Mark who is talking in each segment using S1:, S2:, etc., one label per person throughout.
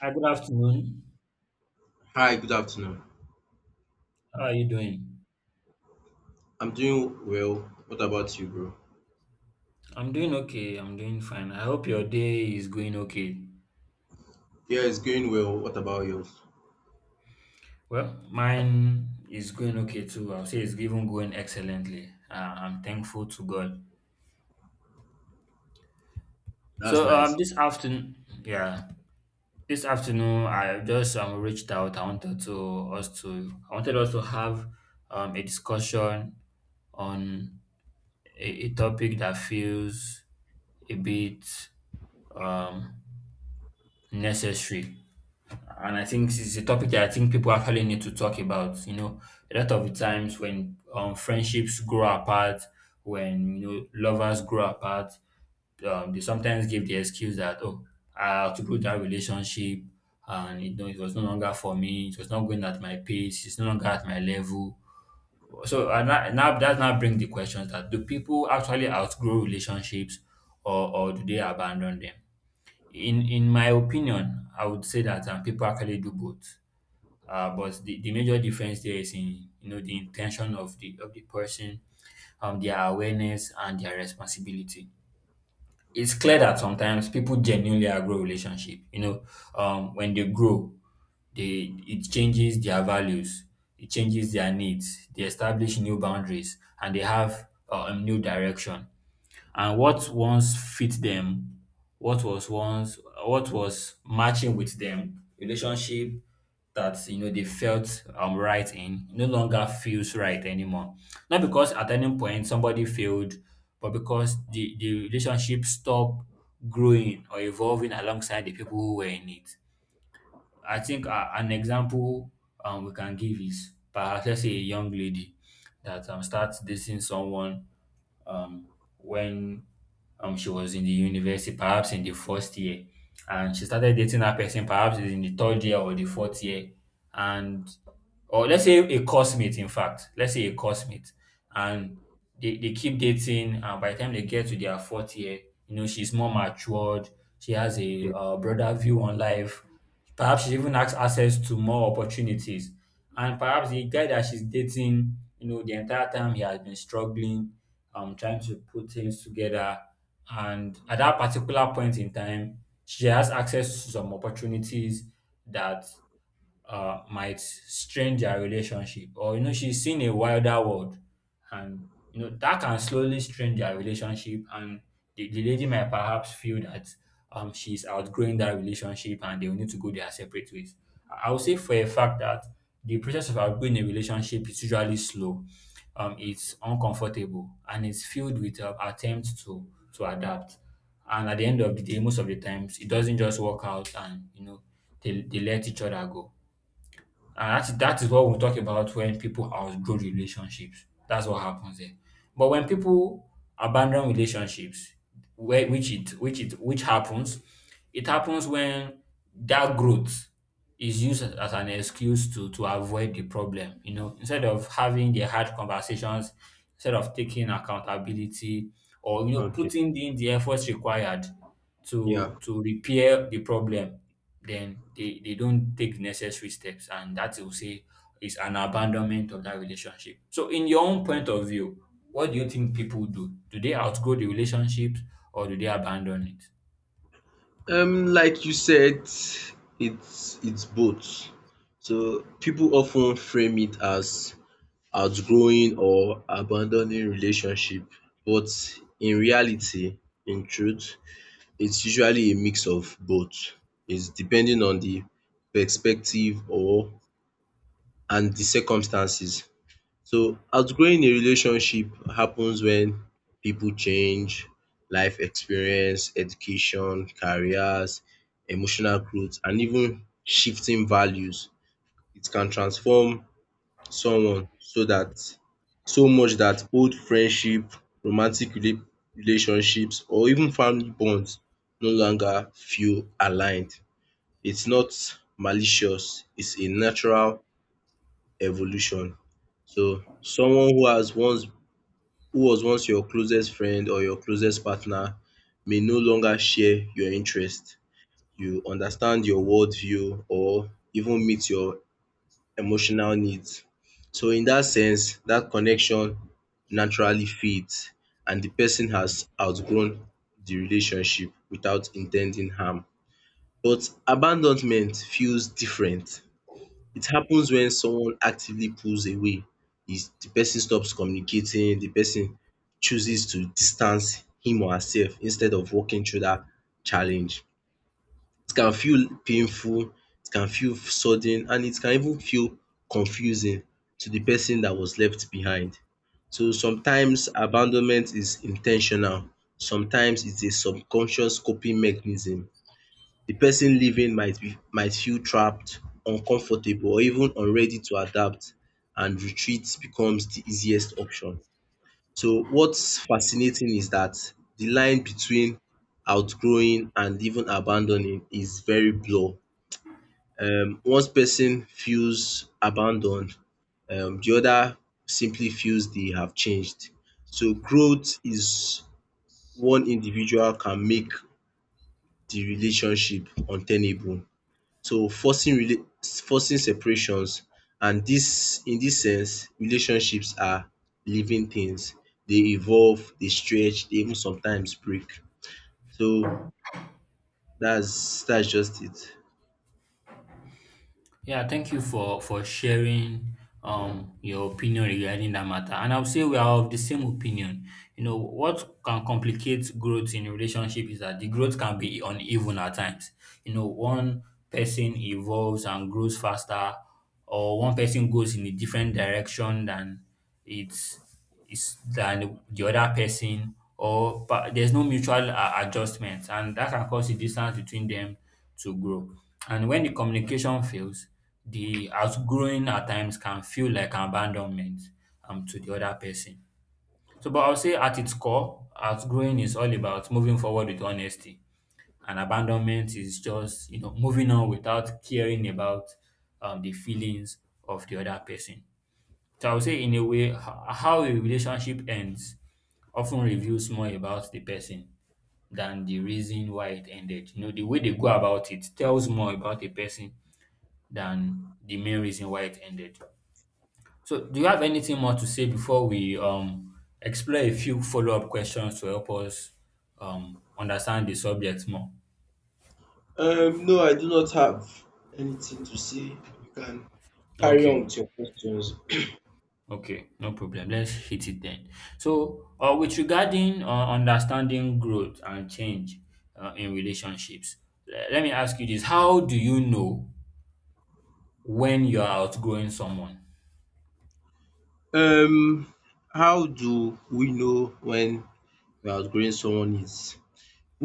S1: Hi, good afternoon.
S2: Hi, good afternoon.
S1: How are you doing?
S2: I'm doing well. What about you, bro?
S1: I'm doing okay. I'm doing fine. I hope your day is going okay.
S2: Yeah, it's going well. What about yours?
S1: Well, mine is going okay too. I'll say it's even going excellently. I'm thankful to God.
S2: That's nice.
S1: This afternoon, yeah, this afternoon I just reached out. I wanted us to have a discussion on a topic that feels a bit um necessary. And I think this is a topic that I think people actually need to talk about. You know, a lot of the times when friendships grow apart, when you know lovers grow apart, they sometimes give the excuse that, oh, I outgrew that relationship, and you know it was no longer for me. It was not going at my pace. It's no longer at my level. So and that, now that now brings the questions that, do people actually outgrow relationships, or do they abandon them? In my opinion, I would say that people actually do both. But the major difference there is in, you know, the intention of the person, their awareness and their responsibility. It's clear that sometimes people genuinely outgrow relationship. You know, when they grow, they it changes their values, it changes their needs. They establish new boundaries and they have a new direction. And what once fit them, what was once what was matching with them, relationship that you know they felt right in no longer feels right anymore. Not because at any point somebody failed, but because the relationship stopped growing or evolving alongside the people who were in it. I think an example we can give is, perhaps let's say, a young lady that starts dating someone, um, when she was in the university, perhaps in the first year, and she started dating that person perhaps in the third year or the fourth year. And, or let's say a coursemate, in fact, let's say a coursemate, and they keep dating, and by the time they get to their fourth year, you know, she's more matured, she has a
S2: Okay.
S1: broader view on life, perhaps she even has access to more opportunities, and perhaps the guy that she's dating, you know, the entire time he has been struggling, trying to put things together, and at that particular point in time, she has access to some opportunities that might strain their relationship, or you know she's seen a wilder world and you know that can slowly strain their relationship, and the lady might perhaps feel that she's outgrowing that relationship and they will need to go their separate ways. I would say for a fact that the process of outgrowing a relationship is usually slow, it's uncomfortable, and it's filled with attempts to adapt, and at the end of the day most of the times it doesn't just work out, and you know they let each other go, and that is what we talk about when people outgrow relationships. That's what happens there. But when people abandon relationships, where which it which it which happens, it happens when that growth is used as an excuse to avoid the problem. You know, instead of having the hard conversations, instead of taking accountability, or you know
S2: Okay.
S1: putting in the efforts required to
S2: Yeah.
S1: repair the problem, then they don't take necessary steps, and that, will say, is an abandonment of that relationship. So in your own point of view, what do you think people do? Do they outgrow the relationships, or do they abandon it?
S2: Like you said, it's both. So people often frame it as outgrowing or abandoning relationship, but in reality, in truth, it's usually a mix of both. It's depending on the perspective or and the circumstances. So outgrowing a relationship happens when people change, life experience, education, careers, emotional growth and even shifting values. It can transform someone so that so much that old friendship, romantic rela relationships or even family bonds no longer feel aligned. It's not malicious, it's a natural evolution. So someone who has once who was once your closest friend or your closest partner may no longer share your interest, you understand your worldview or even meet your emotional needs. So in that sense, that connection naturally fades and the person has outgrown the relationship without intending harm. But abandonment feels different. It happens when someone actively pulls away, is the person stops communicating, the person chooses to distance him or herself instead of walking through that challenge. It can feel painful, it can feel sudden and it can even feel confusing to the person that was left behind. So sometimes abandonment is intentional. Sometimes it's a subconscious coping mechanism. The person living might feel trapped, uncomfortable or even unready to adapt and retreat becomes the easiest option. So what's fascinating is that the line between outgrowing and even abandoning is very blur. Once person feels abandoned, the other simply feels they have changed. So growth is one individual can make the relationship untenable. So forcing separations and this sense relationships are living things. They evolve, they stretch, they even sometimes break. So that's just it.
S1: Yeah, thank you for sharing your opinion regarding that matter. And I'll say we are of the same opinion. You know, what can complicate growth in a relationship is that the growth can be uneven at times. You know, one person evolves and grows faster, or one person goes in a different direction than it's is than the other person, or but there's no mutual adjustment, and that can cause a distance between them to grow. And when the communication fails, the outgrowing at times can feel like abandonment, to the other person. So, but I'll say at its core, outgrowing is all about moving forward with honesty, and abandonment is just, you know, moving on without caring about, the feelings of the other person. So I would say, in a way, how a relationship ends often reveals more about the person than the reason why it ended. You know, the way they go about it tells more about a person than the main reason why it ended. So, do you have anything more to say before we explore a few follow up questions to help us understand the subject more?
S2: No, I do not have anything to say. You can carry on
S1: Okay.
S2: with your questions.
S1: Okay, no problem. Let's hit it then. So, with regarding understanding growth and change in relationships, let me ask you this: how do you know when you are outgrowing someone?
S2: Um how do we know when we are outgrowing someone is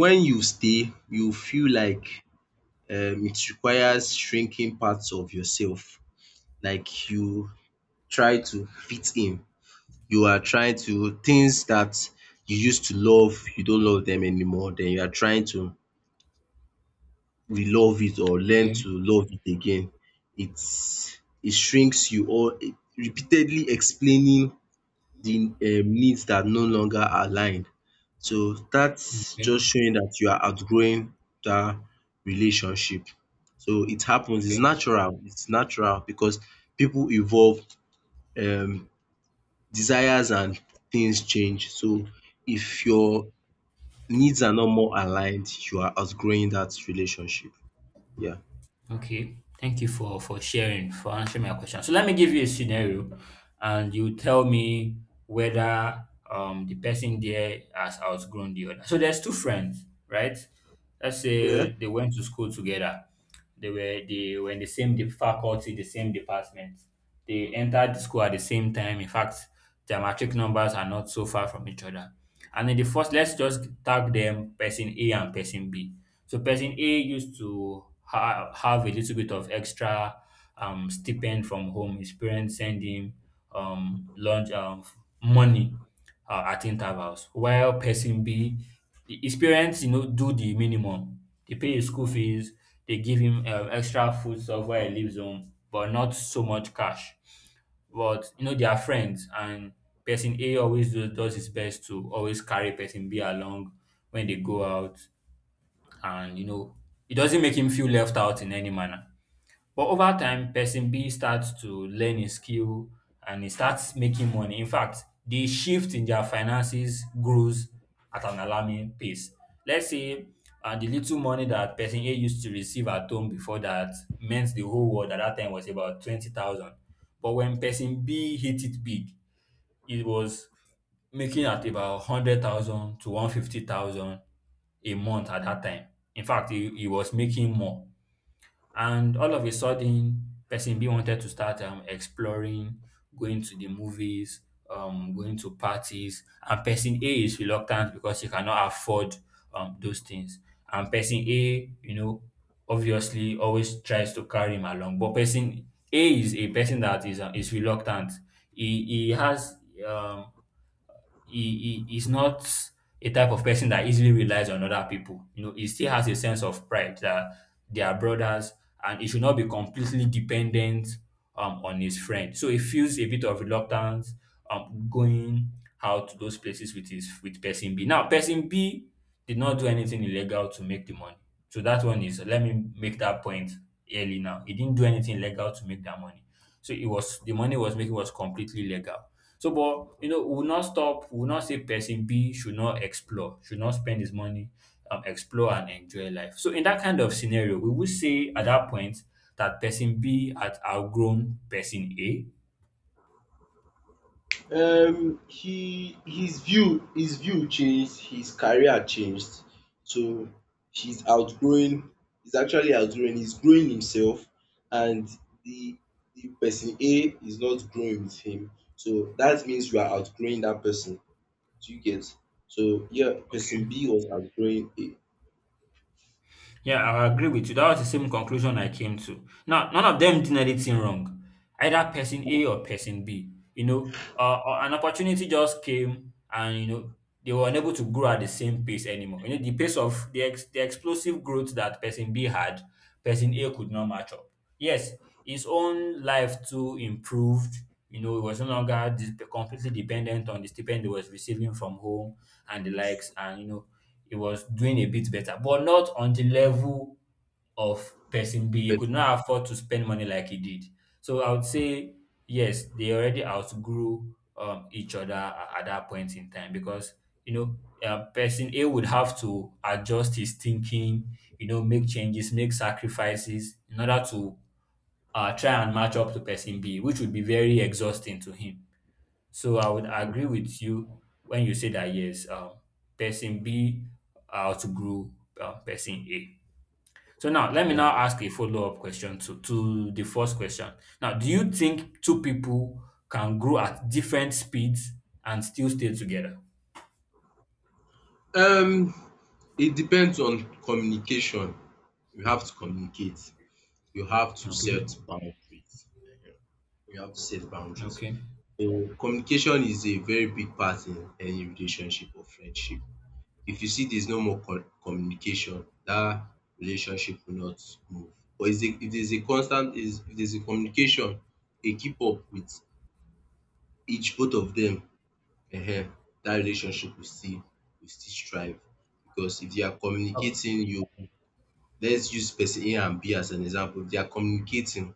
S2: when you feel like it requires shrinking parts of yourself, like you try to fit in. You are trying to things that you used to love you don't love them anymore then you are trying to re-love it or learn
S1: Okay,
S2: to love it again. It shrinks you or repeatedly explaining the needs that no longer aligned. So that's
S1: okay,
S2: just showing that you are outgrowing that relationship. So it happens,
S1: okay.
S2: it's natural because people evolve, um desires and things change. So if your needs are not more aligned, you are outgrowing that relationship. Yeah.
S1: Okay, thank you for sharing, for answering my question. So let me give you a scenario, and you tell me whether the person there has outgrown the other. So there's two friends, right? Let's
S2: Yeah.
S1: say they went to school together. They were in the same faculty, the same department. They entered the school at the same time. In fact, geometric numbers are not so far from each other. And in the first, let's just tag them person A and person B. So person A used to have a little bit of extra stipend from home. His parents send him lunch money at intervals, while person B, his parents, you know, do the minimum. They pay his school fees. They give him extra food stuff while he leaves home, but not so much cash, but you know they are friends, and person A always does his best to always carry person B along when they go out, and you know it doesn't make him feel left out in any manner. But over time, person B starts to learn a skill and he starts making money. In fact, the shift in their finances grows at an alarming pace. Let's say the little money that person A used to receive at home before that, meant the whole world at that time, was about 20,000. But when person B hit it big, it was making at about 100,000 to 150,000 a month at that time. In fact, he was making more. And all of a sudden, person B wanted to start exploring, going to the movies, going to parties. And person A is reluctant because he cannot afford those things. And person A, you know, obviously always tries to carry him along. But person A is a person that is reluctant. He has, um, he's not a type of person that easily relies on other people. You know, he still has a sense of pride that they are brothers and he should not be completely dependent, on his friend. So he feels a bit of reluctance going out to those places with his, with person B. Now, person B did not do anything illegal to make the money. So that one is, let me make that point early now. He didn't do anything legal to make that money. So it was, the money was making was completely legal. So, but you know, we will not say person B should not explore, should not spend his money, explore and enjoy life. So in that kind of scenario, we would say at that point that person B had outgrown person A.
S2: He his view changed, his career changed, so he's outgrowing he's actually outgrowing, he's growing himself, and the the person A is not growing with him, so that means you are outgrowing that person, do you get? So yeah, person B was outgrowing A.
S1: Yeah, I agree with you. That was the same conclusion I came to. Now, none of them did anything wrong, either person A or person B. You know, an opportunity just came, and you know they were unable to grow at the same pace anymore. You know, the pace of the explosive growth that person B had, person A could not match up. Yes, his own life too improved. You know, he was no longer completely dependent on the stipend he was receiving from home and the likes, and you know he was doing a bit better, but not on the level of person B. He could
S2: Person.
S1: not afford to spend money like he did. So I would say yes, they already outgrew each other at that point in time, because you know person A would have to adjust his thinking, you know, make changes, make sacrifices in order to try and match up to person B, which would be very exhausting to him. So I would
S2: um
S1: agree with you when you say that yes, person B outgrew person A. So now let me
S2: yeah
S1: now ask a follow up question to the first question. Now, do you think two people can grow at different speeds and still stay together?
S2: um it depends on communication, you have to communicate, you have to
S1: Okay.
S2: set boundaries. You have to set boundaries.
S1: Okay.
S2: So communication is a very big part in any relationship or friendship. If you see there's no more communication, that relationship will not move. But is a if there's a constant is if there's a communication, a keep up with each both of them, um that relationship will still strive. Because if they are
S1: Oh,
S2: communicating, you let's use person A and B as an example. If they are communicating,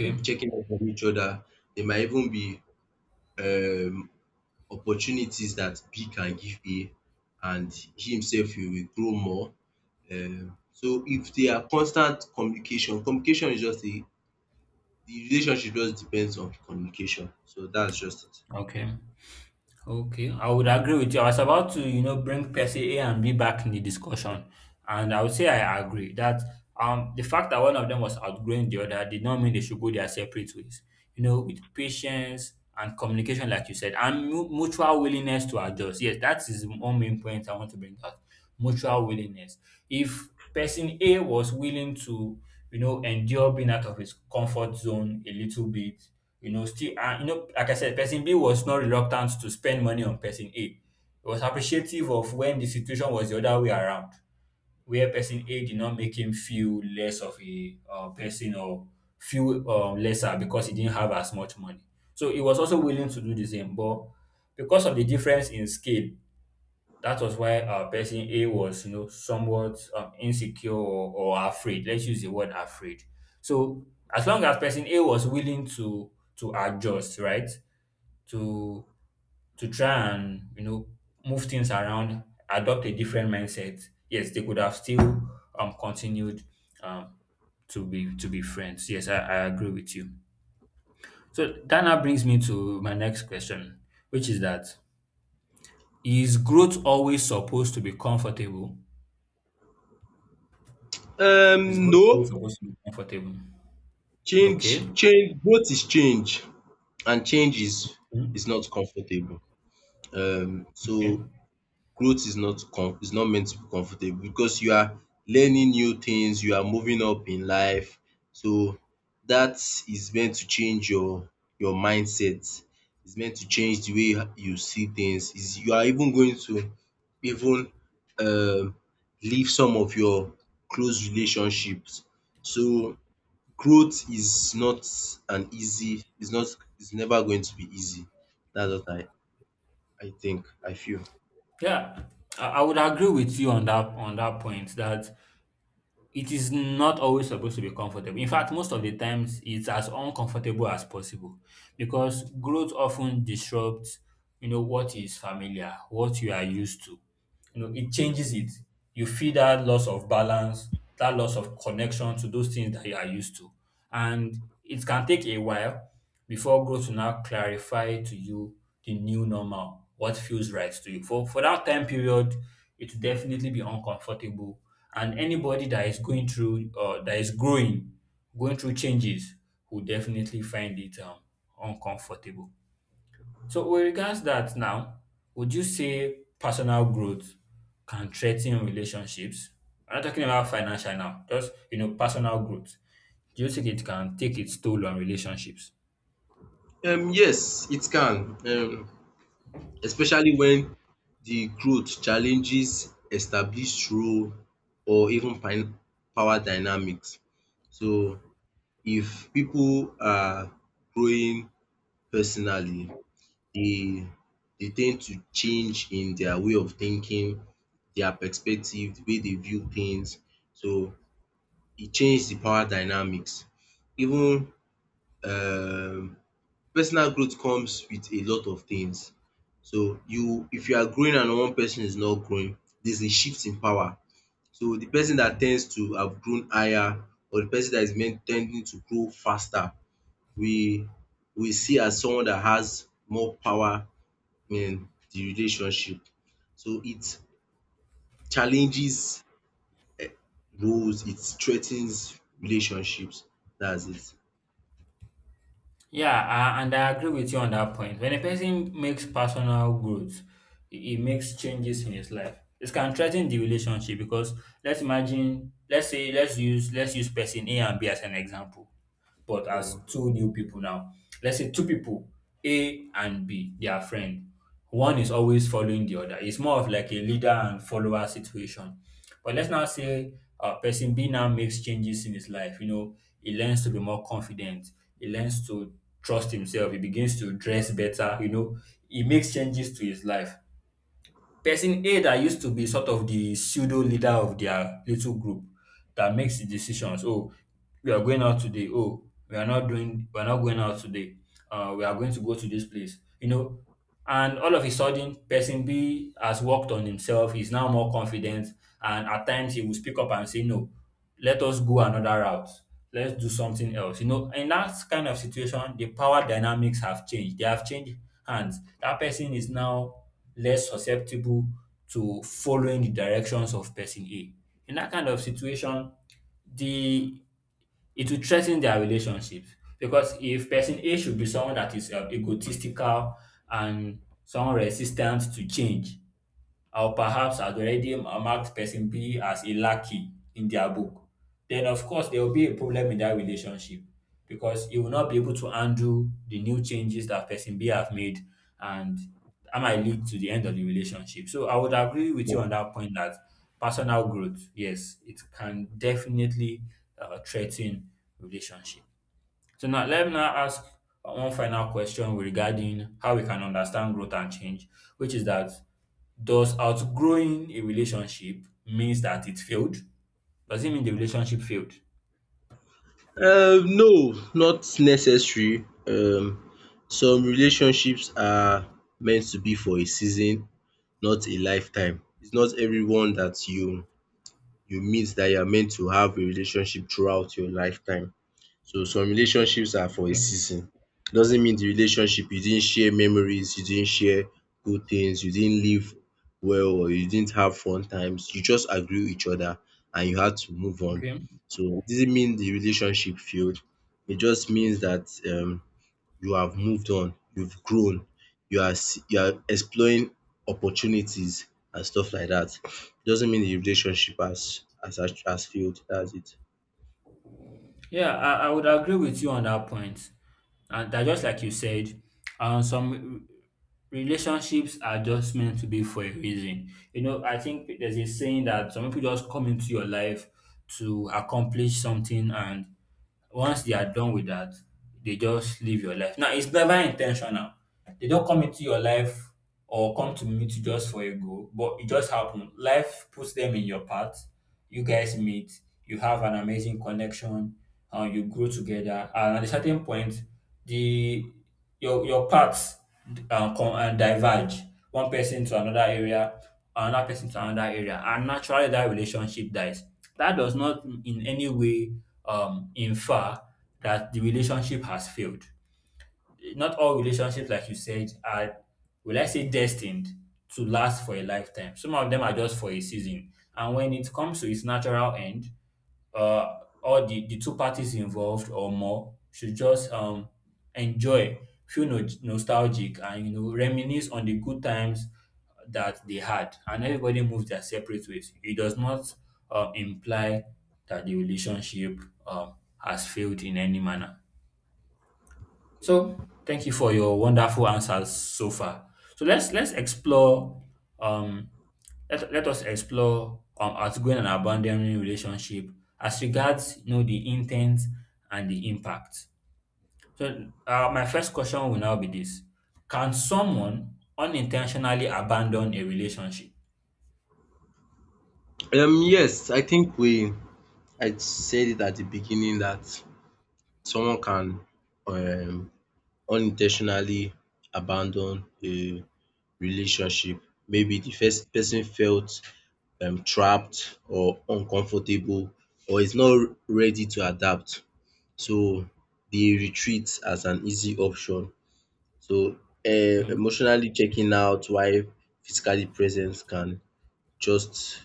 S2: they'll be checking up on each other. They might even be um opportunities that B can give A and he himself he will grow more. So if they are constant communication, communication is just a the relationship just depends on communication. So that's just it.
S1: Okay. Okay, I would agree with you. I was about to, you know, bring person A and B back in the discussion, and I would say I agree that the fact that one of them was outgrowing the other did not mean they should go their separate ways. You know, with patience and communication, like you said, and mutual willingness to adjust. Yes, that is one main point I want to bring out. Mutual willingness. If person A was willing to, you know, endure being out of his comfort zone a little bit, you know, still, and you know, like I said, person B was not reluctant to spend money on person A. He was appreciative of when the situation was the other way around, where person A did not make him feel less of a person or feel lesser because he didn't have as much money. So he was also willing to do the same, but because of the difference in scale, that was why person A was, you know, somewhat insecure or afraid. Let's use the word afraid. So as long as person A was willing to adjust, right, to to try and, you know, move things around, adopt a different mindset, yes, they could have still continued um to be friends. Yes, I agree with you. So that now brings me to my next question, which is that is growth always supposed to be comfortable? Is growth always
S2: No,
S1: supposed to be comfortable?
S2: Change
S1: Okay.
S2: growth is change and change is
S1: Mm.
S2: not comfortable. So
S1: Okay.
S2: growth is not com is not meant to be comfortable because you are learning new things, you are moving up in life. So that is meant to change your mindset, it's meant to change the way you see things, is you are even going to even um leave some of your close relationships. So growth is not an easy, it's not, it's never going to be easy. That's what I think, I feel.
S1: Yeah. I would agree with you on that, on that point, that it is not always supposed to be comfortable. In fact, most of the times it's as uncomfortable as possible because growth often disrupts, you know, what is familiar, what you are used to. You know, it
S2: Yes.
S1: changes it. You feel that loss of balance, that loss of connection to those things that you are used to. And it can take a while before growth will now clarify to you the new normal, what feels right to you. For that time period, it will definitely be uncomfortable. And anybody that is going through that is growing, going through changes, will definitely find it uncomfortable. So with regards that now, would you say personal growth can threaten relationships? I'm not talking about financial now, just, you know, personal growth. Do you think it can take its toll on relationships?
S2: Yes, it can, especially when the growth challenges established role or even power dynamics. So if people are growing personally, they tend to change in their way of thinking, their perspective, the way they view things. So it changes the power dynamics. Even um personal growth comes with a lot of things. So you if you are growing and one person is not growing, there's a shift in power. So the person that tends to have grown higher or the person that is meant tending to grow faster, we we see as someone that has more power in the relationship. So it challenges roles, it threatens relationships. That's it.
S1: Yeah, and I agree with you on that point. When a person makes personal growth, it makes changes in his life. It can threaten the relationship because let's imagine, let's say, let's use person A and B as an example but as
S2: Mm.
S1: two new people now. Let's say two people, A and B, they are friends. One is always following the other. It's more of like a leader and follower situation. But let's now say person B now makes changes in his life. You know, he learns to be more confident. He learns to trust himself. He begins to dress better. You know, he makes changes to his life. Person A that used to be sort of the pseudo leader of their little group that makes the decisions. Oh, we are going out today. Oh, we are not going out today. We are going to go to this place. You know, and all of a sudden, person B has worked on himself. He's now more confident, and at times he will speak up and say no, let us go another route, let's do something else. You know, in that kind of situation, the power dynamics have changed. They have changed hands. That person is now less susceptible to following the directions of person A. In that kind of situation, the it will threaten their relationship because if person A should be someone that is egotistical and someone resistant to change, or perhaps has already marked person B as a lackey in their book, then of course there will be a problem in that relationship because you will not be able to handle the new changes that person B have made and that might lead to the end of the relationship. So I would agree with you on that point that personal growth, yes, it can definitely threaten relationship. So now let me now ask one final question regarding how we can understand growth and change, which is that does outgrowing a relationship means that it failed? Does it mean the relationship failed?
S2: Um, no, not necessary. Um, some relationships are meant to be for a season not a lifetime. It's not everyone that you meet that you are meant to have a relationship throughout your lifetime. So some relationships are for a
S1: Okay.
S2: season. Doesn't mean the relationship you didn't share memories, you didn't share good things, you didn't live well or you didn't have fun times. You just outgrew each other and you had to move on.
S1: Okay.
S2: So it didn't mean the relationship failed. It just means that you have moved on, you've grown, you are you are exploring opportunities and stuff like that. Doesn't mean the relationship has has failed. That's it.
S1: Yeah, I would agree with you on that point. And that, just like you said, some relationships are just meant to be for a reason. You know, I think there's a saying that some people just come into your life to accomplish something, and once they are done with that, they just leave your life. Now, it's never intentional. They don't come into your life or come to meet you just for a goal, but it just happened. Life puts them in your path, you guys meet, you have an amazing connection, you grow together, and at a certain point, the your paths diverge. One person to another area, another person to another area, and naturally that relationship dies. That does not in any way infer that the relationship has failed. Not all relationships, like you said, are, will I say, destined to last for a lifetime. Some of them are just for a season. And when it comes to its natural end, uh, all the two parties involved or more should just enjoy, feel no, nostalgic, and, you know, reminisce on the good times that they had. And everybody moves their separate ways. It does not imply that the relationship has failed in any manner. So thank you for your wonderful answers so far. So let's explore um let us explore outgoing and abandoning relationship as regards, you know, the intent and the impact. So my first question will now be this: Can someone unintentionally abandon a relationship?
S2: Um, yes, I think we I said it at the beginning that someone can um unin abandon a relationship. Maybe the first person felt trapped or uncomfortable or is not ready to adapt. So the retreat as an easy option. So um
S1: Mm.
S2: emotionally checking out while physically present can just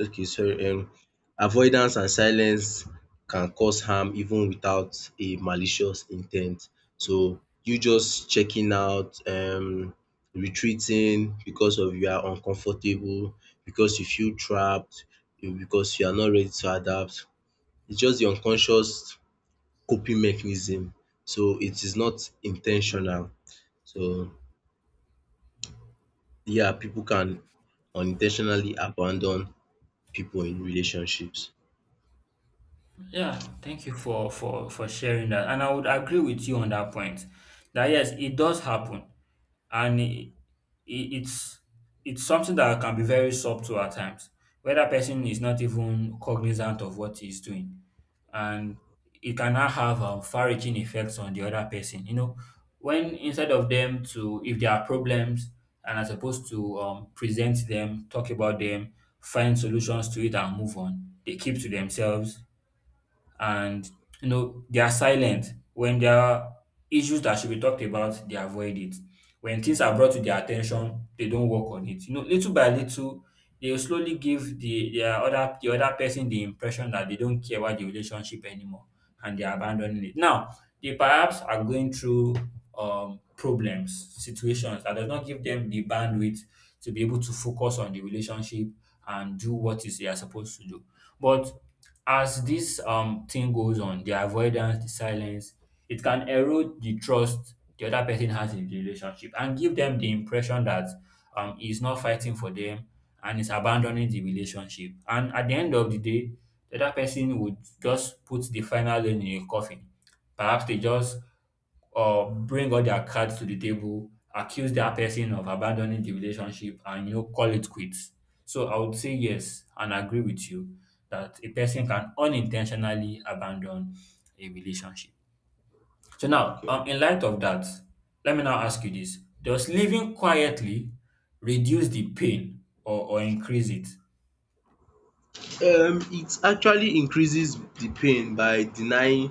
S2: okay sorry avoidance and silence can cause harm even without a malicious intent. So you just checking out, retreating because of you are uncomfortable, because you feel trapped, you because you are not ready to adapt. It's just the unconscious coping mechanism. So it is not intentional. So yeah, people can unintentionally abandon people in relationships.
S1: Yeah, thank you for for sharing that, and I would agree with you on that point. That yes, it does happen. And it, it's it's something that can be very subtle at times where that person is not even cognizant of what he's doing, and it can now have far-reaching effects on the other person. You know, when instead of them to, if there are problems, and as opposed to present them, talk about them, find solutions to it and move on, they keep to themselves. And, you know, they are silent when there are issues that should be talked about, they avoid it. When things are brought to their attention, they don't work on it. You know, little by little they will slowly give the other person the impression that they don't care about the relationship anymore and they are abandoning it. Now, they perhaps are going through problems, situations that does not give them the bandwidth to be able to focus on the relationship and do what is they are supposed to do. But as this thing goes on, the avoidance, the silence, it can erode the trust the other person has in the relationship and give them the impression that he's not fighting for them and is abandoning the relationship. And at the end of the day, the other person would just put the final nail in a coffin. Perhaps they just bring all their cards to the table, accuse that person of abandoning the relationship, and, you know, call it quits. So I would say yes and agree with you that a person can unintentionally abandon a relationship. So now,
S2: Okay.
S1: in light of that, let me now ask you this. Does living quietly reduce the pain, or increase it?
S2: It actually increases the pain by denying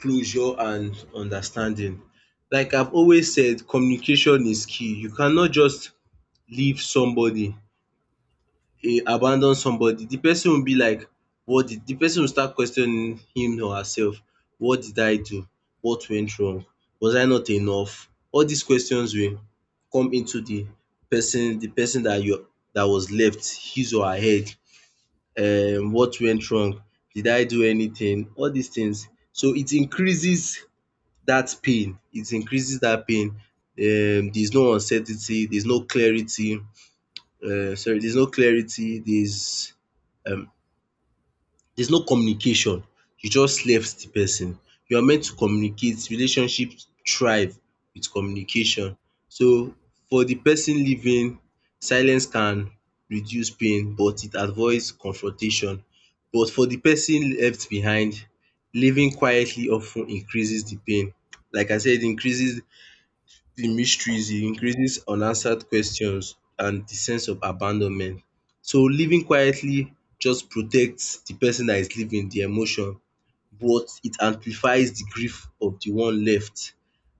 S2: closure and understanding. Like I've always said, communication is key. You cannot just leave somebody he abandon somebody, the person will be like what did, the person will start questioning him or herself. What did I do? What went wrong? Was I not enough? All these questions will come into the person that you that was left, his or her head. What went wrong? Did I do anything? All these things. So it increases that pain. It increases that pain. There's no uncertainty. There's no clarity. Sorry, there's no clarity. Um there's no communication, you just left the person. You are meant to communicate, relationship thrive with communication. So for the person leaving, silence can reduce pain but it avoids confrontation. But for the person left behind, leaving quietly of ten increases the pain. Like I said, increases the mysteries, it increases unanswered questions and the sense of abandonment. So living quietly just protects the person that is living, the emotion, but it amplifies the grief of the one left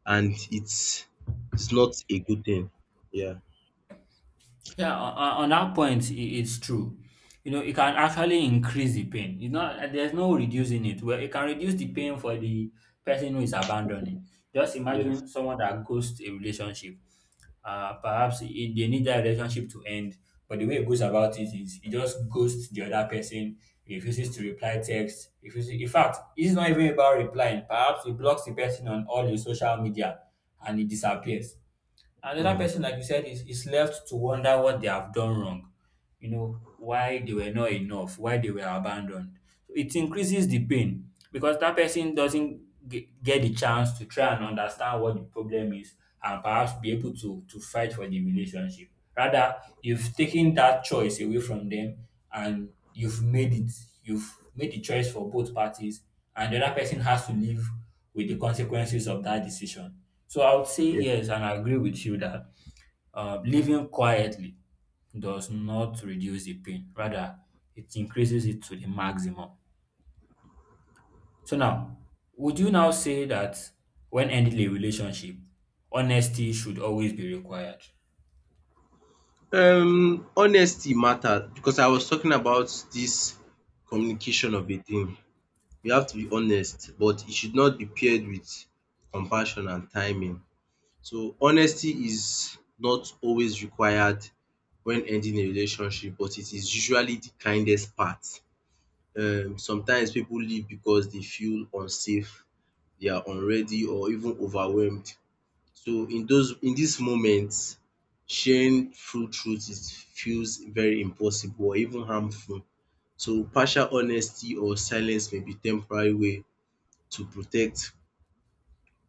S2: and it's not a good thing. Yeah.
S1: Yeah, on that point, it's true. You know, it can actually increase the pain. You know, there's no reducing it. Well, it can reduce the pain for the person who is abandoning. Just
S2: Yes.
S1: imagine someone that ghosts a relationship. Perhaps they need that relationship to end, but the way it goes about it is he just ghosts the other person, refuses to reply text, refuses. In fact, it's not even about replying. Perhaps he blocks the person on all the social media and he disappears. Another person,
S2: Mm.
S1: like you said, is left to wonder what they have done wrong, you know, why they were not enough, why they were abandoned. So it increases the pain because that person doesn't get the chance to try and understand what the problem is and perhaps be able to fight for the relationship. Rather, you've taken that choice away from them, and you've made the choice for both parties, and the other person has to live with the consequences of that decision. So I would say
S2: Yeah.
S1: yes, and I agree with you that living quietly does not reduce the pain, rather, it increases it to the maximum. So now, would you now say that when ending a relationship, honesty should always be required?
S2: Um, honesty matters because I was talking about this communication of a thing. You have to be honest, but it should not be paired with compassion and timing. So honesty is not always required when ending a relationship but it is usually the kindest part. Um, sometimes people leave because they feel unsafe, they are unready or even overwhelmed. So in those in these moments sharing full truth is feels very impossible or even harmful. So partial honesty or silence may be temporary way to protect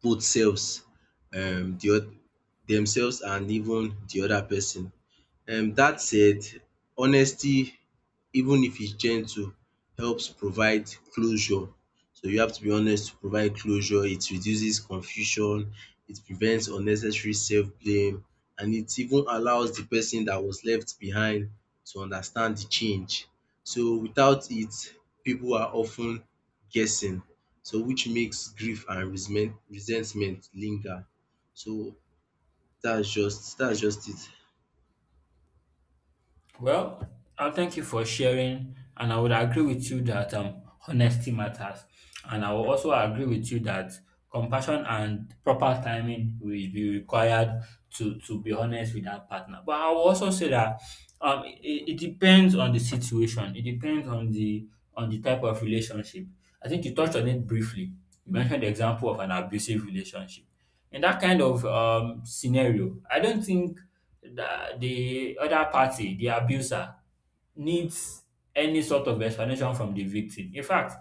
S2: both selves um the oth- themselves and even the other person. Um, that said, honesty even if it's gentle, helps provide closure. So you have to be honest to provide closure. It reduces confusion, it prevents unnecessary self-blame and it even allows the person that was left behind to understand the change. So without it, people are often guessing so which makes grief and resentment linger. So that's just it.
S1: Well, I thank you for sharing, and I would agree with you that honesty matters. And I will also agree with you that compassion and proper timing will be required to be honest with that partner. But I will also say that it depends on the situation. It depends on the, on the type of relationship. I think you touched on it briefly. You mentioned the example of an abusive relationship. In that kind of scenario, I don't think that the other party, the abuser, needs any sort of explanation from the victim. In fact,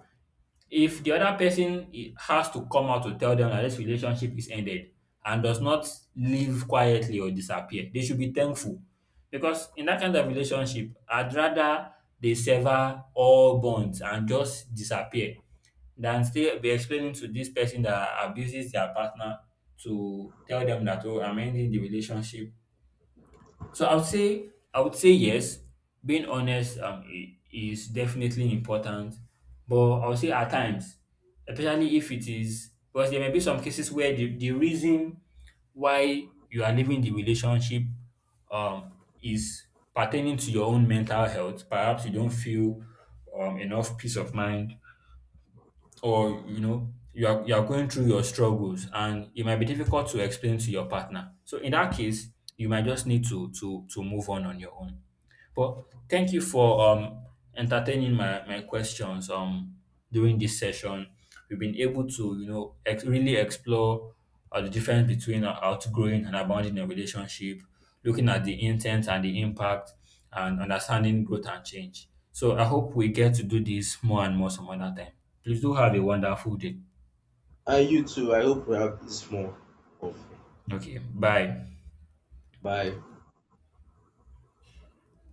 S1: if the other person has to come out to tell them that this relationship is ended and does not leave quietly or disappear, they should be thankful. Because in that kind of relationship, I'd rather they sever all bonds and just disappear than still be explaining to this person that abuses their partner, to tell them that, oh, I'm ending the relationship. So I would say, yes, being honest is definitely important, but I would say at times, especially if it is, because there may be some cases where the reason why you are leaving the relationship um, is pertaining to your own mental health. Perhaps you don't feel enough peace of mind, or, you know, you are, you are going through your struggles, and it might be difficult to explain to your partner. So in that case, you might just need to move on your own. But thank you for entertaining my my questions during this session. We've been able to, you know, really explore the difference between outgrowing and abounding a relationship, looking at the intent and the impact, and understanding growth and change. So I hope we get to do this more and more some other time. Please do have a wonderful day.
S2: And you too, I hope we have this more of.
S1: Okay, bye.
S2: Bye.